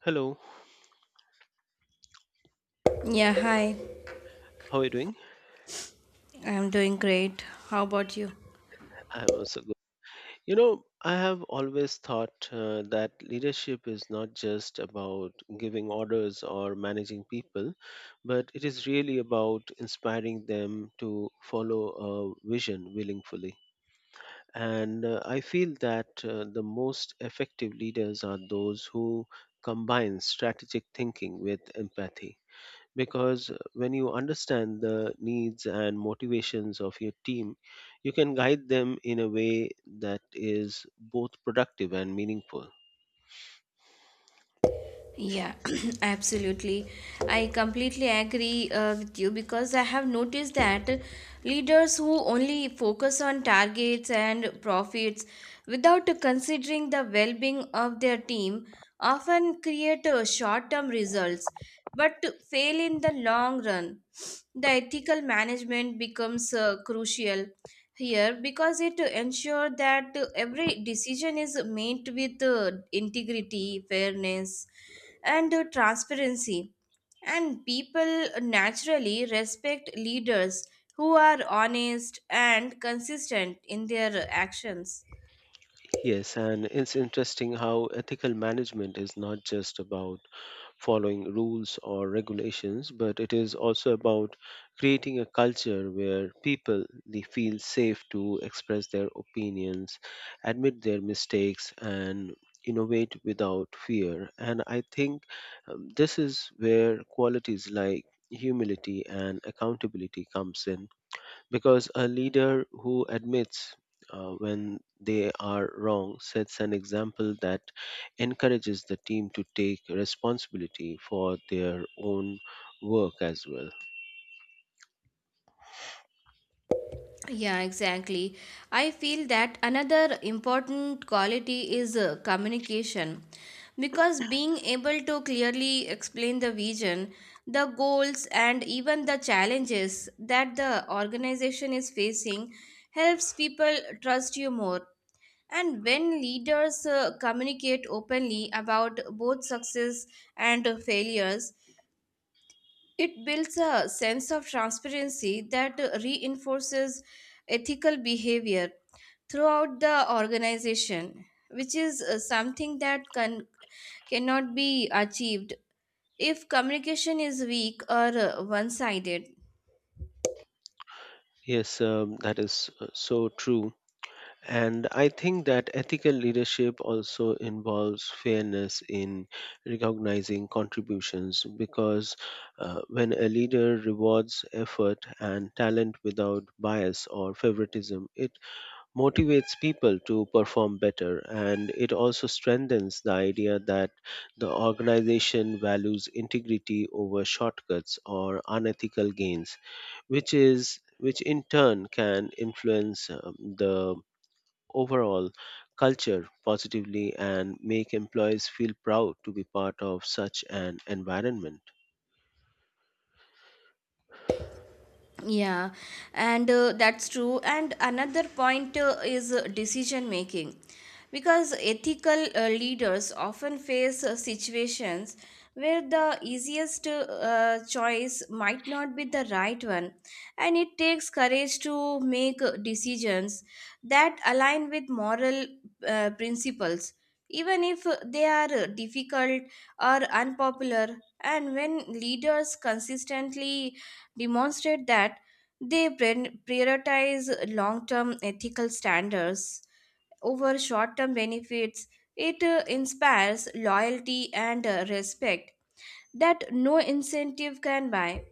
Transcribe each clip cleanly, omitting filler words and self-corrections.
Hello, Yeah, hi. how are you doing? I'm doing great. How about you? I'm also good. You know, I have always thought that leadership is not just about giving orders or managing people, but it is really about inspiring them to follow a vision willingly. And I feel that the most effective leaders are those who combine strategic thinking with empathy, because when you understand the needs and motivations of your team, you can guide them in a way that is both productive and meaningful. Yeah, absolutely. I completely agree with you because I have noticed that leaders who only focus on targets and profits without considering the well being of their team often create short term results but fail in the long run. The ethical management becomes crucial here because it ensures that every decision is made with integrity, fairness, and transparency. And people naturally respect leaders who are honest and consistent in their actions. Yes, and it's interesting how ethical management is not just about following rules or regulations, but it is also about creating a culture where people they feel safe to express their opinions, admit their mistakes, and innovate without fear. And I think this is where qualities like humility and accountability comes in because a leader who admits when they are wrong sets an example that encourages the team to take responsibility for their own work as well. Yeah, exactly. I feel that another important quality is communication because being able to clearly explain the vision, the goals, and even the challenges that the organization is facing helps people trust you more. And when leaders communicate openly about both success and failures, it builds a sense of transparency that reinforces ethical behavior throughout the organization, which is something that cannot be achieved if communication is weak or one sided. Yes, that is so true. And I think that ethical leadership also involves fairness in recognizing contributions because when a leader rewards effort and talent without bias or favoritism, it motivates people to perform better, and it also strengthens the idea that the organization values integrity over shortcuts or unethical gains, which in turn can influence the overall culture positively and make employees feel proud to be part of such an environment. Yeah, and that's true. And another point is decision making. Because ethical leaders often face situations where the easiest choice might not be the right one, and it takes courage to make decisions that align with moral principles, even if they are difficult or unpopular. And when leaders consistently demonstrate that they prioritize long term ethical standards over short term benefits. It inspires loyalty and respect that no incentive can buy.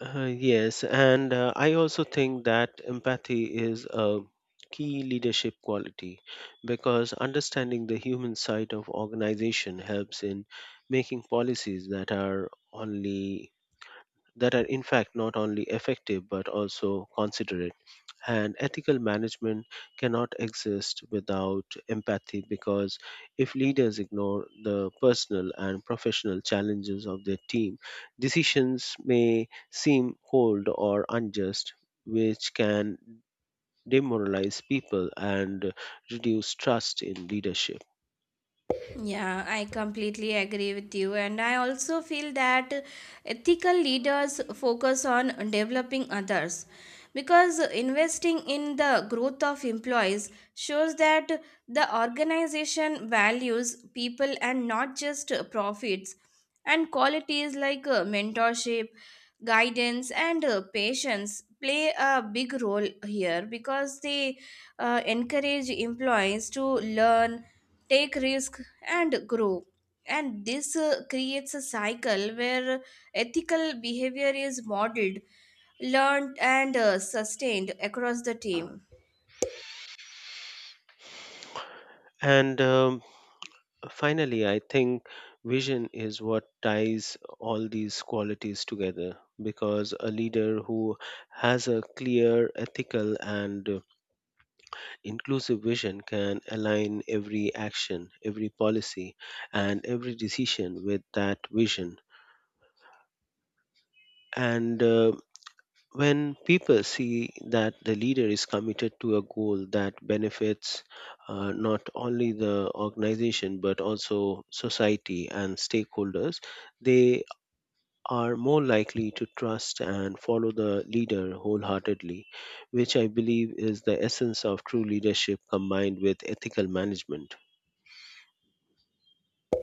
Yes, and I also think that empathy is a key leadership quality because understanding the human side of organization helps in making policies that are in fact not only effective but also considerate, and ethical management cannot exist without empathy because if leaders ignore the personal and professional challenges of their team, decisions may seem cold or unjust, which can demoralize people and reduce trust in leadership. Yeah, I completely agree with you. And I also feel that ethical leaders focus on developing others because investing in the growth of employees shows that the organization values people and not just profits. And qualities like mentorship, guidance, and patience play a big role here because they encourage employees to learn take risks and grow. And this creates a cycle where ethical behavior is modeled, learned, and sustained across the team. And Finally, I think vision is what ties all these qualities together because a leader who has a clear, ethical, and inclusive vision can align every action, every policy, and every decision with that vision. And When people see that the leader is committed to a goal that benefits not only the organization but also society and stakeholders, they are more likely to trust and follow the leader wholeheartedly, which I believe is the essence of true leadership combined with ethical management.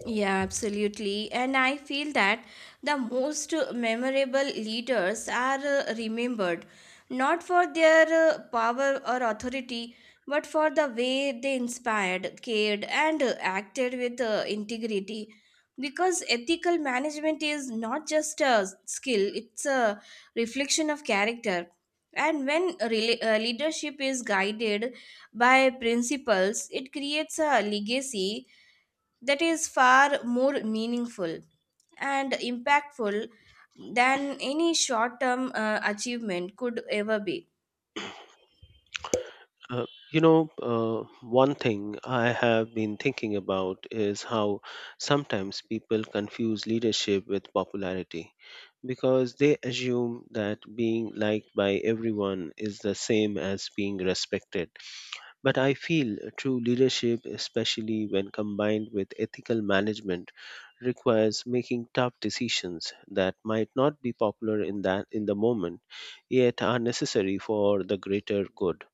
Yeah, absolutely. And I feel that the most memorable leaders are remembered not for their power or authority, but for the way they inspired, cared, and acted with integrity. Because ethical management is not just a skill, it's a reflection of character. And when leadership is guided by principles, it creates a legacy that is far more meaningful and impactful than any short term achievement could ever be. Uh, you know, one thing I have been thinking about is how sometimes people confuse leadership with popularity because they assume that being liked by everyone is the same as being respected. But I feel true leadership, especially when combined with ethical management, requires making tough decisions that might not be popular in the moment, yet are necessary for the greater good.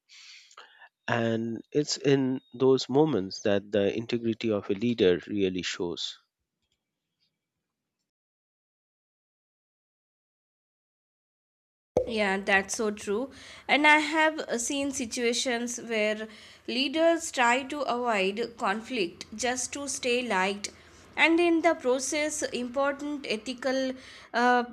And it's in those moments that the integrity of a leader really shows. Yeah, that's so true. And I have seen situations where leaders try to avoid conflict just to stay liked, and in the process, important ethical uh,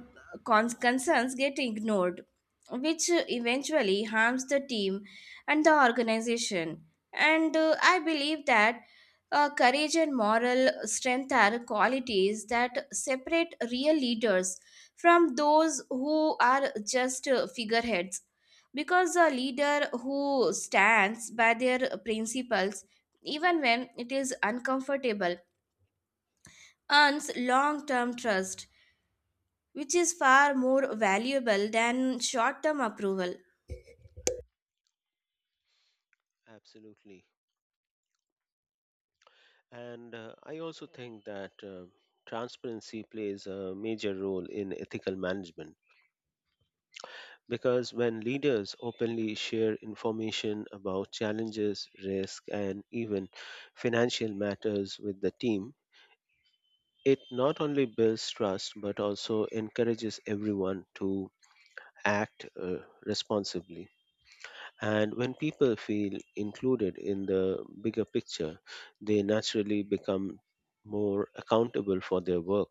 concerns get ignored, which eventually harms the team and the organization. And I believe that courage and moral strength are qualities that separate real leaders from those who are just figureheads. Because a leader who stands by their principles, even when it is uncomfortable, earns long term trust, which is far more valuable than short term approval. Absolutely. And I also think that transparency plays a major role in ethical management, because when leaders openly share information about challenges, risk, and even financial matters with the team, it not only builds trust but also encourages everyone to act responsibly. And when people feel included in the bigger picture, they naturally become more accountable for their work,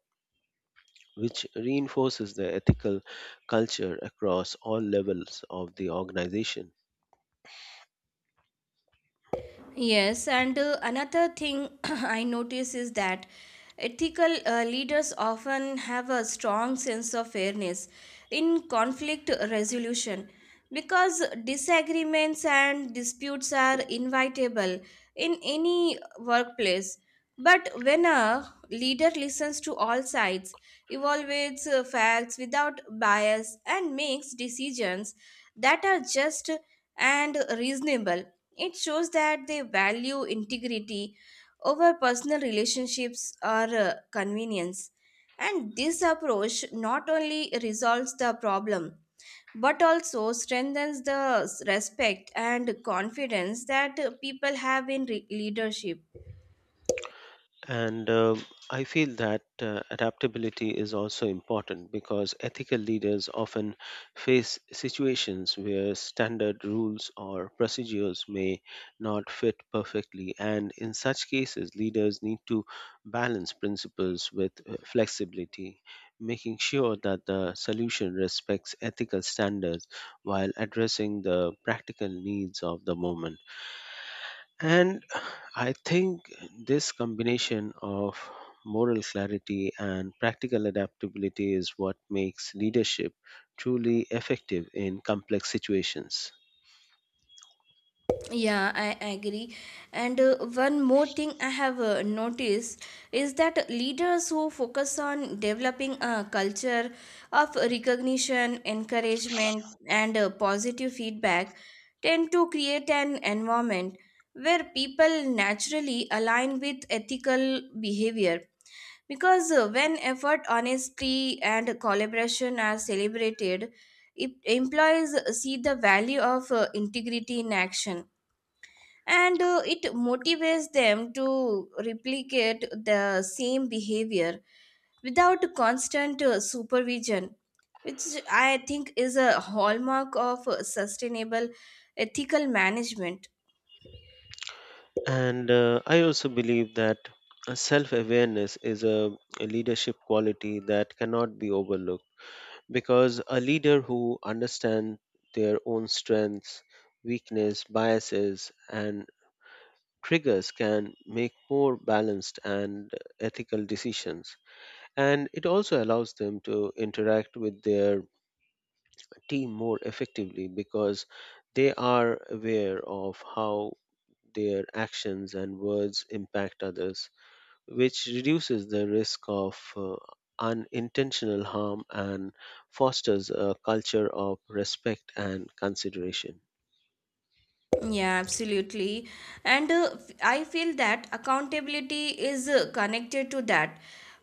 which reinforces the ethical culture across all levels of the organization. Yes, and another thing I notice is that ethical leaders often have a strong sense of fairness in conflict resolution because disagreements and disputes are inevitable in any workplace. But when a leader listens to all sides, evaluates facts without bias, and makes decisions that are just and reasonable, it shows that they value integrity over personal relationships or convenience. And this approach not only resolves the problem but also strengthens the respect and confidence that people have in leadership. And I feel that adaptability is also important because ethical leaders often face situations where standard rules or procedures may not fit perfectly. And in such cases, leaders need to balance principles with flexibility, making sure that the solution respects ethical standards while addressing the practical needs of the moment. And I think this combination of moral clarity and practical adaptability is what makes leadership truly effective in complex situations. Yeah, I agree. And one more thing I have noticed is that leaders who focus on developing a culture of recognition, encouragement, and positive feedback tend to create an environment where people naturally align with ethical behavior. Because when effort, honesty, and collaboration are celebrated, it, employees see the value of integrity in action and it motivates them to replicate the same behavior without constant supervision, which I think is a hallmark of sustainable ethical management. And I also believe that self awareness is a leadership quality that cannot be overlooked because a leader who understands their own strengths, weakness, biases, and triggers can make more balanced and ethical decisions. And it also allows them to interact with their team more effectively because they are aware of how their actions and words impact others, which reduces the risk of unintentional harm and fosters a culture of respect and consideration. Yeah, absolutely. And I feel that accountability is connected to that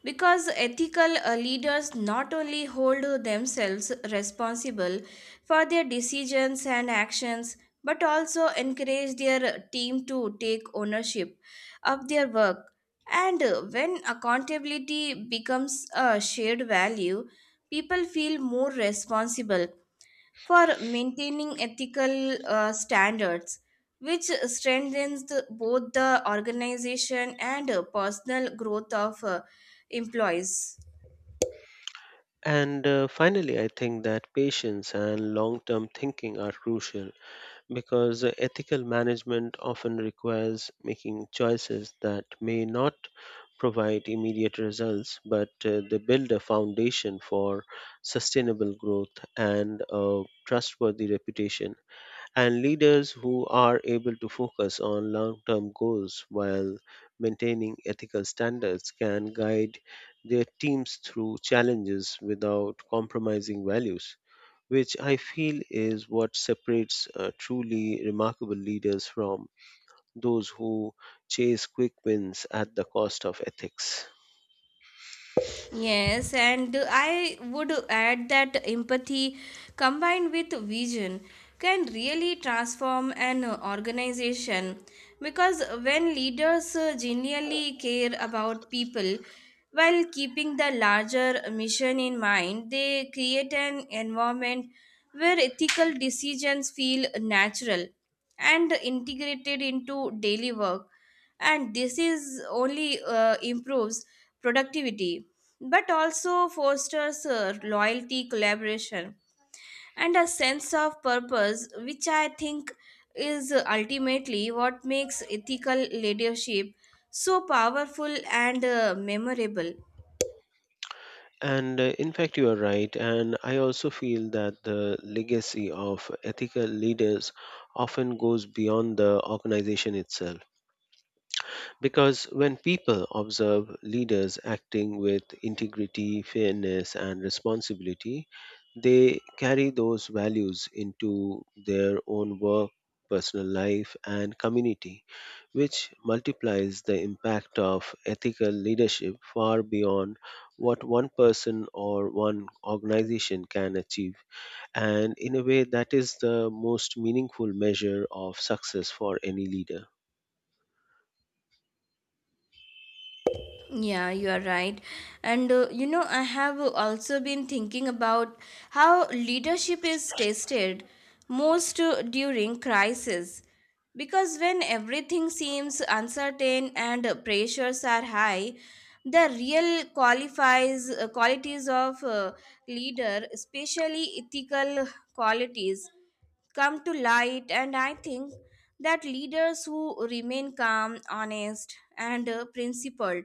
because ethical leaders not only hold themselves responsible for their decisions and actions but also encourage their team to take ownership of their work. And when accountability becomes a shared value, people feel more responsible for maintaining ethical standards, which strengthens both the organization and personal growth of employees. And finally, I think that patience and long term thinking are crucial because ethical management often requires making choices that may not provide immediate results, but they build a foundation for sustainable growth and a trustworthy reputation, and leaders who are able to focus on long term goals while maintaining ethical standards can guide their teams through challenges without compromising values, which I feel is what separates truly remarkable leaders from those who chase quick wins at the cost of ethics. Yes, and I would add that empathy combined with vision can really transform an organization because when leaders genuinely care about people while keeping the larger mission in mind, they create an environment where ethical decisions feel natural and integrated into daily work, and this is only improves productivity but also fosters loyalty, collaboration, and a sense of purpose, which I think is ultimately what makes ethical leadership so powerful and memorable. And in fact, you are right. And I also feel that the legacy of ethical leaders often goes beyond the organization itself, because when people observe leaders acting with integrity, fairness, and responsibility, they carry those values into their own work, personal life, and community, which multiplies the impact of ethical leadership far beyond what one person or one organization can achieve. And in a way, that is the most meaningful measure of success for any leader. Yeah, you are right. And you know, I have also been thinking about how leadership is tested most during crisis. Because when everything seems uncertain and pressures are high, the real qualifies qualities of leader, especially ethical qualities, come to light. And I think that leaders who remain calm, honest, and principled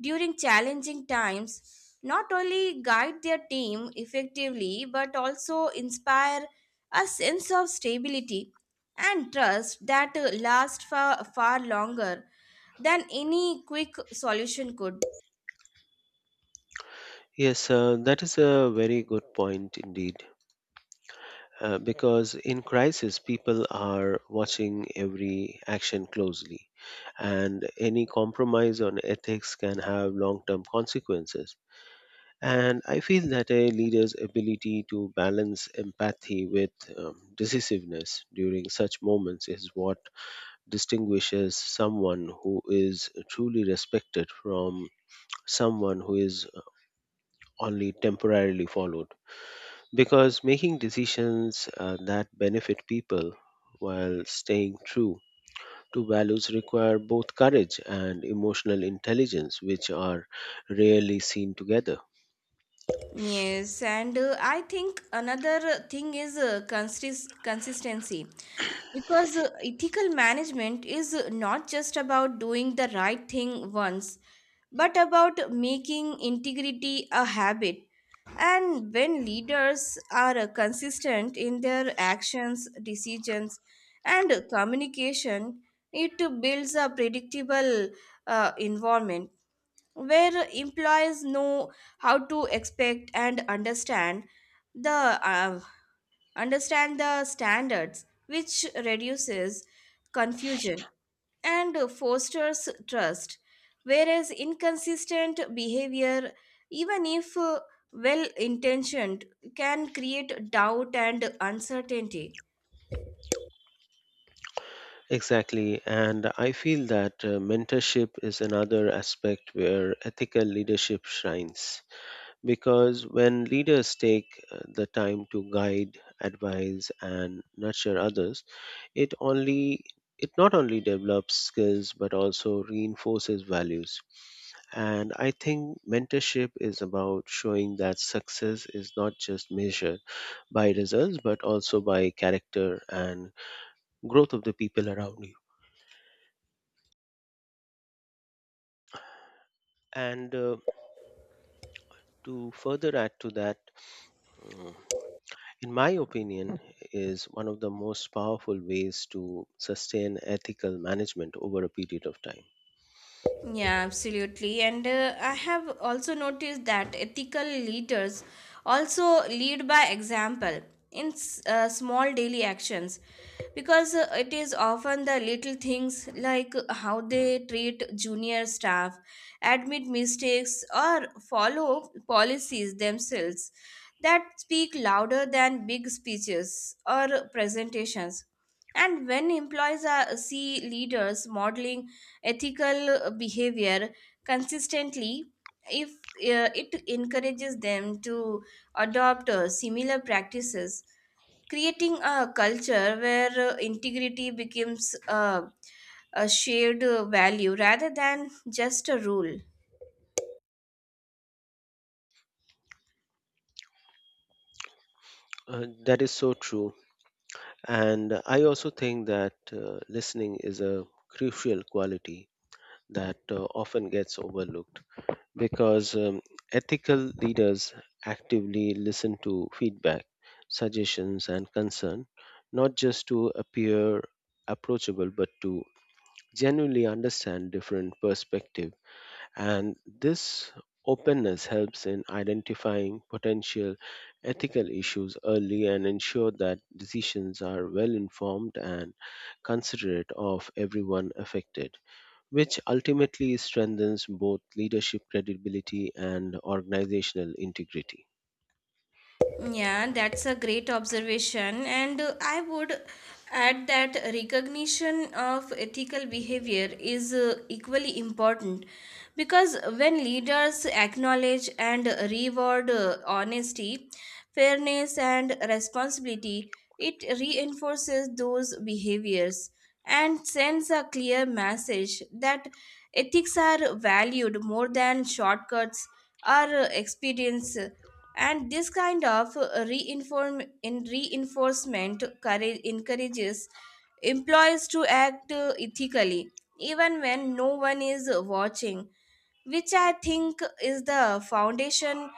during challenging times not only guide their team effectively but also inspire a sense of stability and trust that lasts far, far longer than any quick solution could. Yes, that is a very good point indeed. Because in crisis, people are watching every action closely, and any compromise on ethics can have long term consequences. And I feel that a leader's ability to balance empathy with decisiveness during such moments is what distinguishes someone who is truly respected from someone who is only temporarily followed, because making decisions that benefit people while staying true to values require both courage and emotional intelligence, which are rarely seen together. Yes, and I think another thing is consistency. Because ethical management is not just about doing the right thing once, but about making integrity a habit. And when leaders are consistent in their actions, decisions, and communication, it builds a predictable environment where employees know how to expect and the uh, understand the standards, which reduces confusion and fosters trust. Whereas inconsistent behavior, even if well intentioned, can create doubt and uncertainty. Exactly, and I feel that mentorship is another aspect where ethical leadership shines. Because when leaders take the time to guide, advise, and nurture others, It only it not only develops skills but also reinforces values. And I think mentorship is about showing that success is not just measured by results but also by character and growth of the people around you. And to further add to that, mm, in my opinion, is one of the most powerful ways to sustain ethical management over a period of time. Yeah, absolutely. And I have also noticed that ethical leaders also lead by example in small daily actions because it is often the little things like how they treat junior staff, admit mistakes, or follow policies themselves that speak louder than big speeches or presentations. And when employees see leaders modeling ethical behavior consistently, if it encourages them to adopt similar practices, creating a culture where integrity becomes a shared value rather than just a rule. That is so true. And I also think that listening is a crucial quality that often gets overlooked because ethical leaders actively listen to feedback, suggestions, and concern, not just to appear approachable, but to genuinely understand different perspectives. And this openness helps in identifying potential ethical issues early and ensure that decisions are well informed and considerate of everyone affected, which ultimately strengthens both leadership credibility and organizational integrity. Yeah, that's a great observation. And I would add that recognition of ethical behavior is equally important because when leaders acknowledge and reward honesty, fairness, and responsibility, it reinforces those behaviors and sends a clear message that ethics are valued more than shortcuts or expedience. And this kind of reinform in reinforcement courage encourages employees to act ethically even when no one is watching, which I think is the foundation.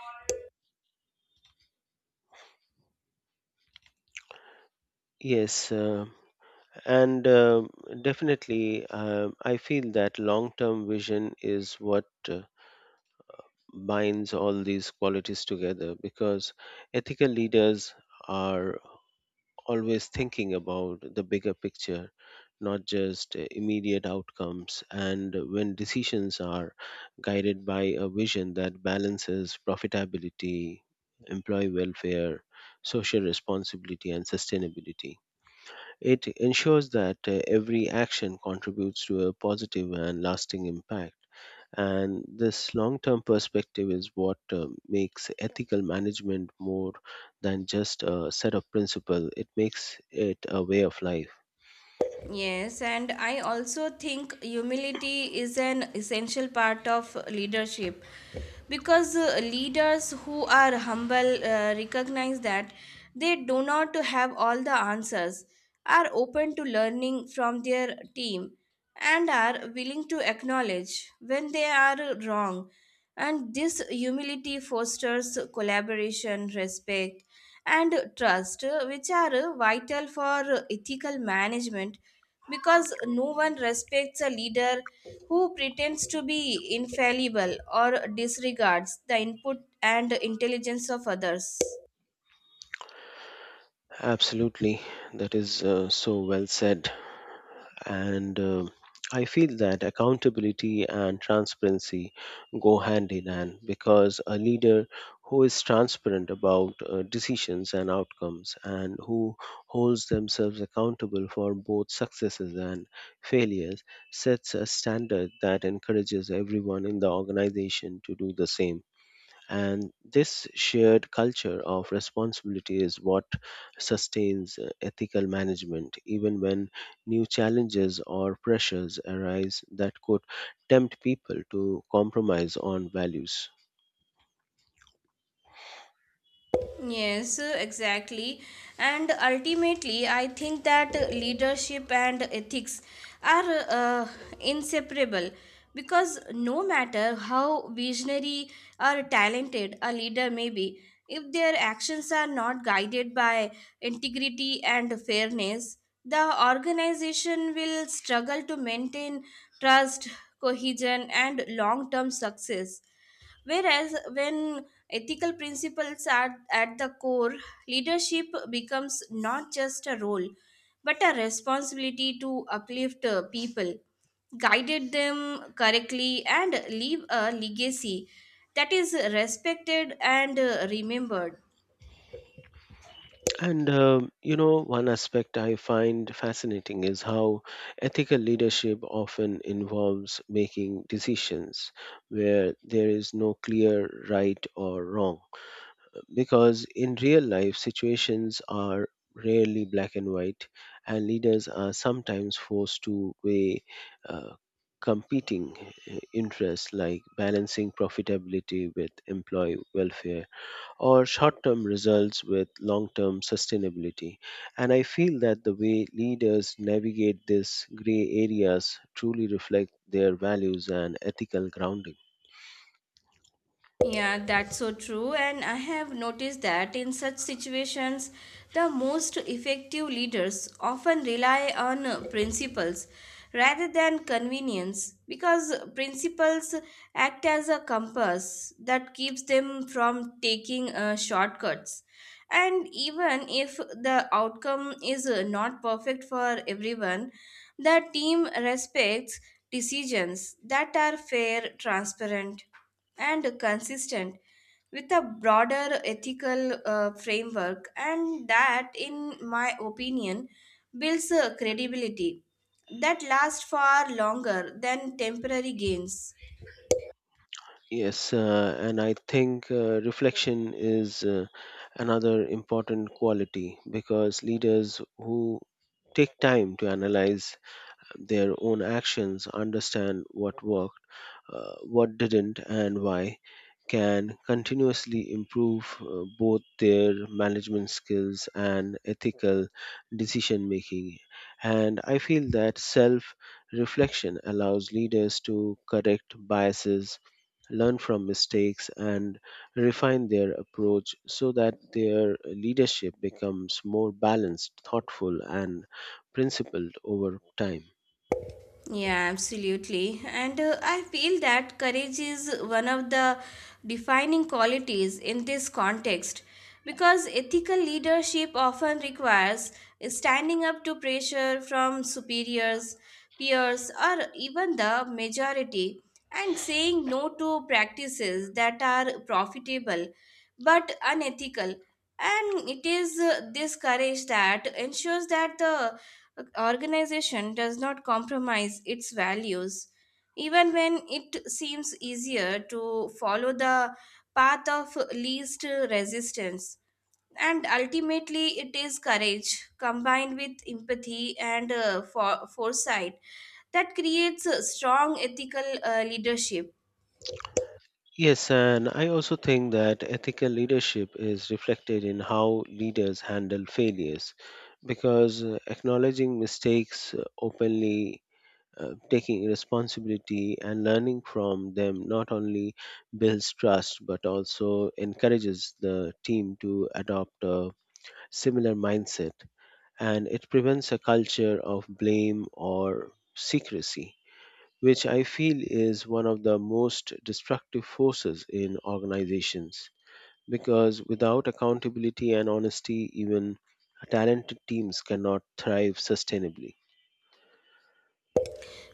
Yes, and definitely, I feel that long term vision is what binds all these qualities together because ethical leaders are always thinking about the bigger picture, not just immediate outcomes. And when decisions are guided by a vision that balances profitability, employee welfare, social responsibility, and sustainability, it ensures that every action contributes to a positive and lasting impact. And this long term perspective is what makes ethical management more than just a set of principles, it makes it a way of life. Yes, and I also think humility is an essential part of leadership because leaders who are humble recognize that they do not have all the answers, are open to learning from their team, and are willing to acknowledge when they are wrong. And this humility fosters collaboration, respect, and trust, which are vital for ethical management because no one respects a leader who pretends to be infallible or disregards the input and intelligence of others. Absolutely, that is so well said. And I feel that accountability and transparency go hand in hand because a leader who is transparent about decisions and outcomes and who holds themselves accountable for both successes and failures sets a standard that encourages everyone in the organization to do the same. And this shared culture of responsibility is what sustains ethical management, even when new challenges or pressures arise that could tempt people to compromise on values. Yes, exactly. And ultimately, I think that leadership and ethics are inseparable because no matter how visionary or talented a leader may be, if their actions are not guided by integrity and fairness, the organization will struggle to maintain trust, cohesion, and long term success. Whereas when ethical principles are at the core, leadership becomes not just a role, but a responsibility to uplift people, guided them correctly, and leave a legacy that is respected and remembered. And, you know, one aspect I find fascinating is how ethical leadership often involves making decisions where there is no clear right or wrong. Because in real life, situations are rarely black and white, and leaders are sometimes forced to weigh uh, competing interests like balancing profitability with employee welfare or short term results with long term sustainability. And I feel that the way leaders navigate these gray areas truly reflect their values and ethical grounding. Yeah, that's so true. And I have noticed that in such situations, the most effective leaders often rely on principles rather than convenience because principles act as a compass that keeps them from taking shortcuts. And even if the outcome is not perfect for everyone, the team respects decisions that are fair, transparent and consistent with a broader ethical framework, and that, in my opinion, builds credibility that lasts far longer than temporary gains. Yes, and I think reflection is another important quality because leaders who take time to analyze their own actions, understand what worked, what didn't, and why, can continuously improve both their management skills and ethical decision making. And I feel that self reflection allows leaders to correct biases, learn from mistakes, and refine their approach so that their leadership becomes more balanced, thoughtful, and principled over time. Yeah, absolutely. And I feel that courage is one of the defining qualities in this context because ethical leadership often requires standing up to pressure from superiors, peers, or even the majority, and saying no to practices that are profitable but unethical. And it is this courage that ensures that the a organization does not compromise its values, even when it seems easier to follow the path of least resistance. And ultimately, it is courage combined with empathy and foresight that creates a strong ethical leadership. Yes, and I also think that ethical leadership is reflected in how leaders handle failures because acknowledging mistakes openly, taking responsibility, and learning from them not only builds trust but also encourages the team to adopt a similar mindset, and it prevents a culture of blame or secrecy, which I feel is one of the most destructive forces in organizations. Because without accountability and honesty, even talented teams cannot thrive sustainably.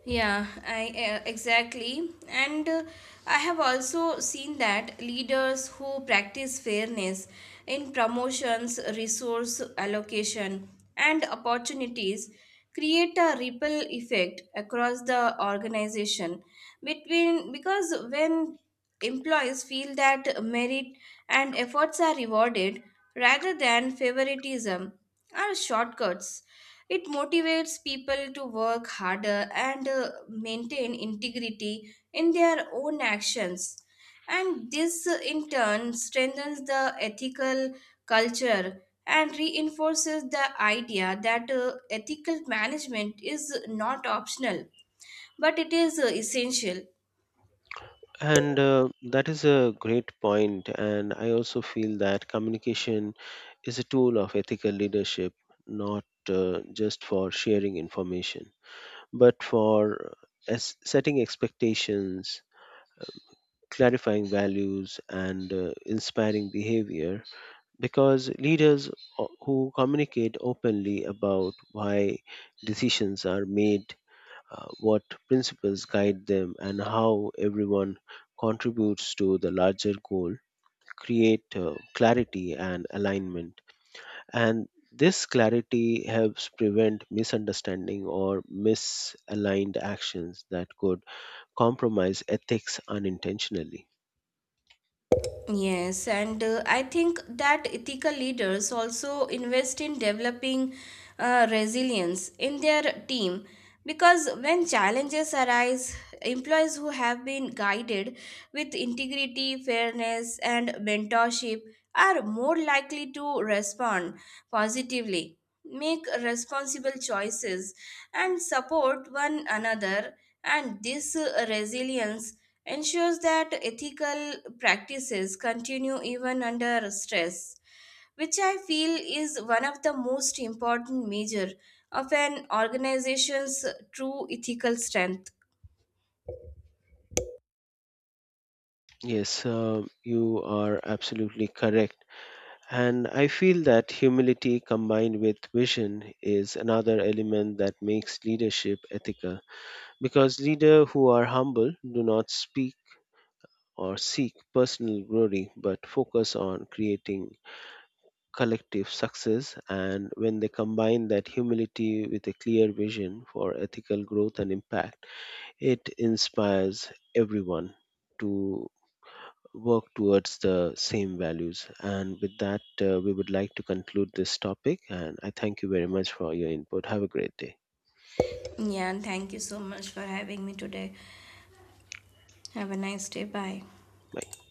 Yeah, I Exactly. And I have also seen that leaders who practice fairness in promotions, resource allocation, and opportunities create a ripple effect across the organization between because when employees feel that merit and efforts are rewarded rather than favoritism or shortcuts, it motivates people to work harder and maintain integrity in their own actions. And this, in turn, strengthens the ethical culture and reinforces the idea that ethical management is not optional but it is essential. And that is a great point. And I also feel that communication is a tool of ethical leadership, not just for sharing information, but for as setting expectations, clarifying values, and inspiring behavior. Because leaders who communicate openly about why decisions are made, what principles guide them, and how everyone contributes to the larger goal create clarity and alignment. And this clarity helps prevent misunderstanding or misaligned actions that could compromise ethics unintentionally. Yes, and I think that ethical leaders also invest in developing resilience in their team because when challenges arise, employees who have been guided with integrity, fairness, and mentorship are more likely to respond positively, make responsible choices, and support one another. And this resilience ensures that ethical practices continue even under stress, which I feel is one of the most important measure of an organization's true ethical strength. Yes, you are absolutely correct. And I feel that humility combined with vision is another element that makes leadership ethical because leaders who are humble do not speak or seek personal glory but focus on creating collective success. And when they combine that humility with a clear vision for ethical growth and impact, it inspires everyone to work towards the same values. And with that, we would like to conclude this topic. And I thank you very much for your input. Have a great day. Yeah, and thank you so much for having me today. Have a nice day. Bye. Bye.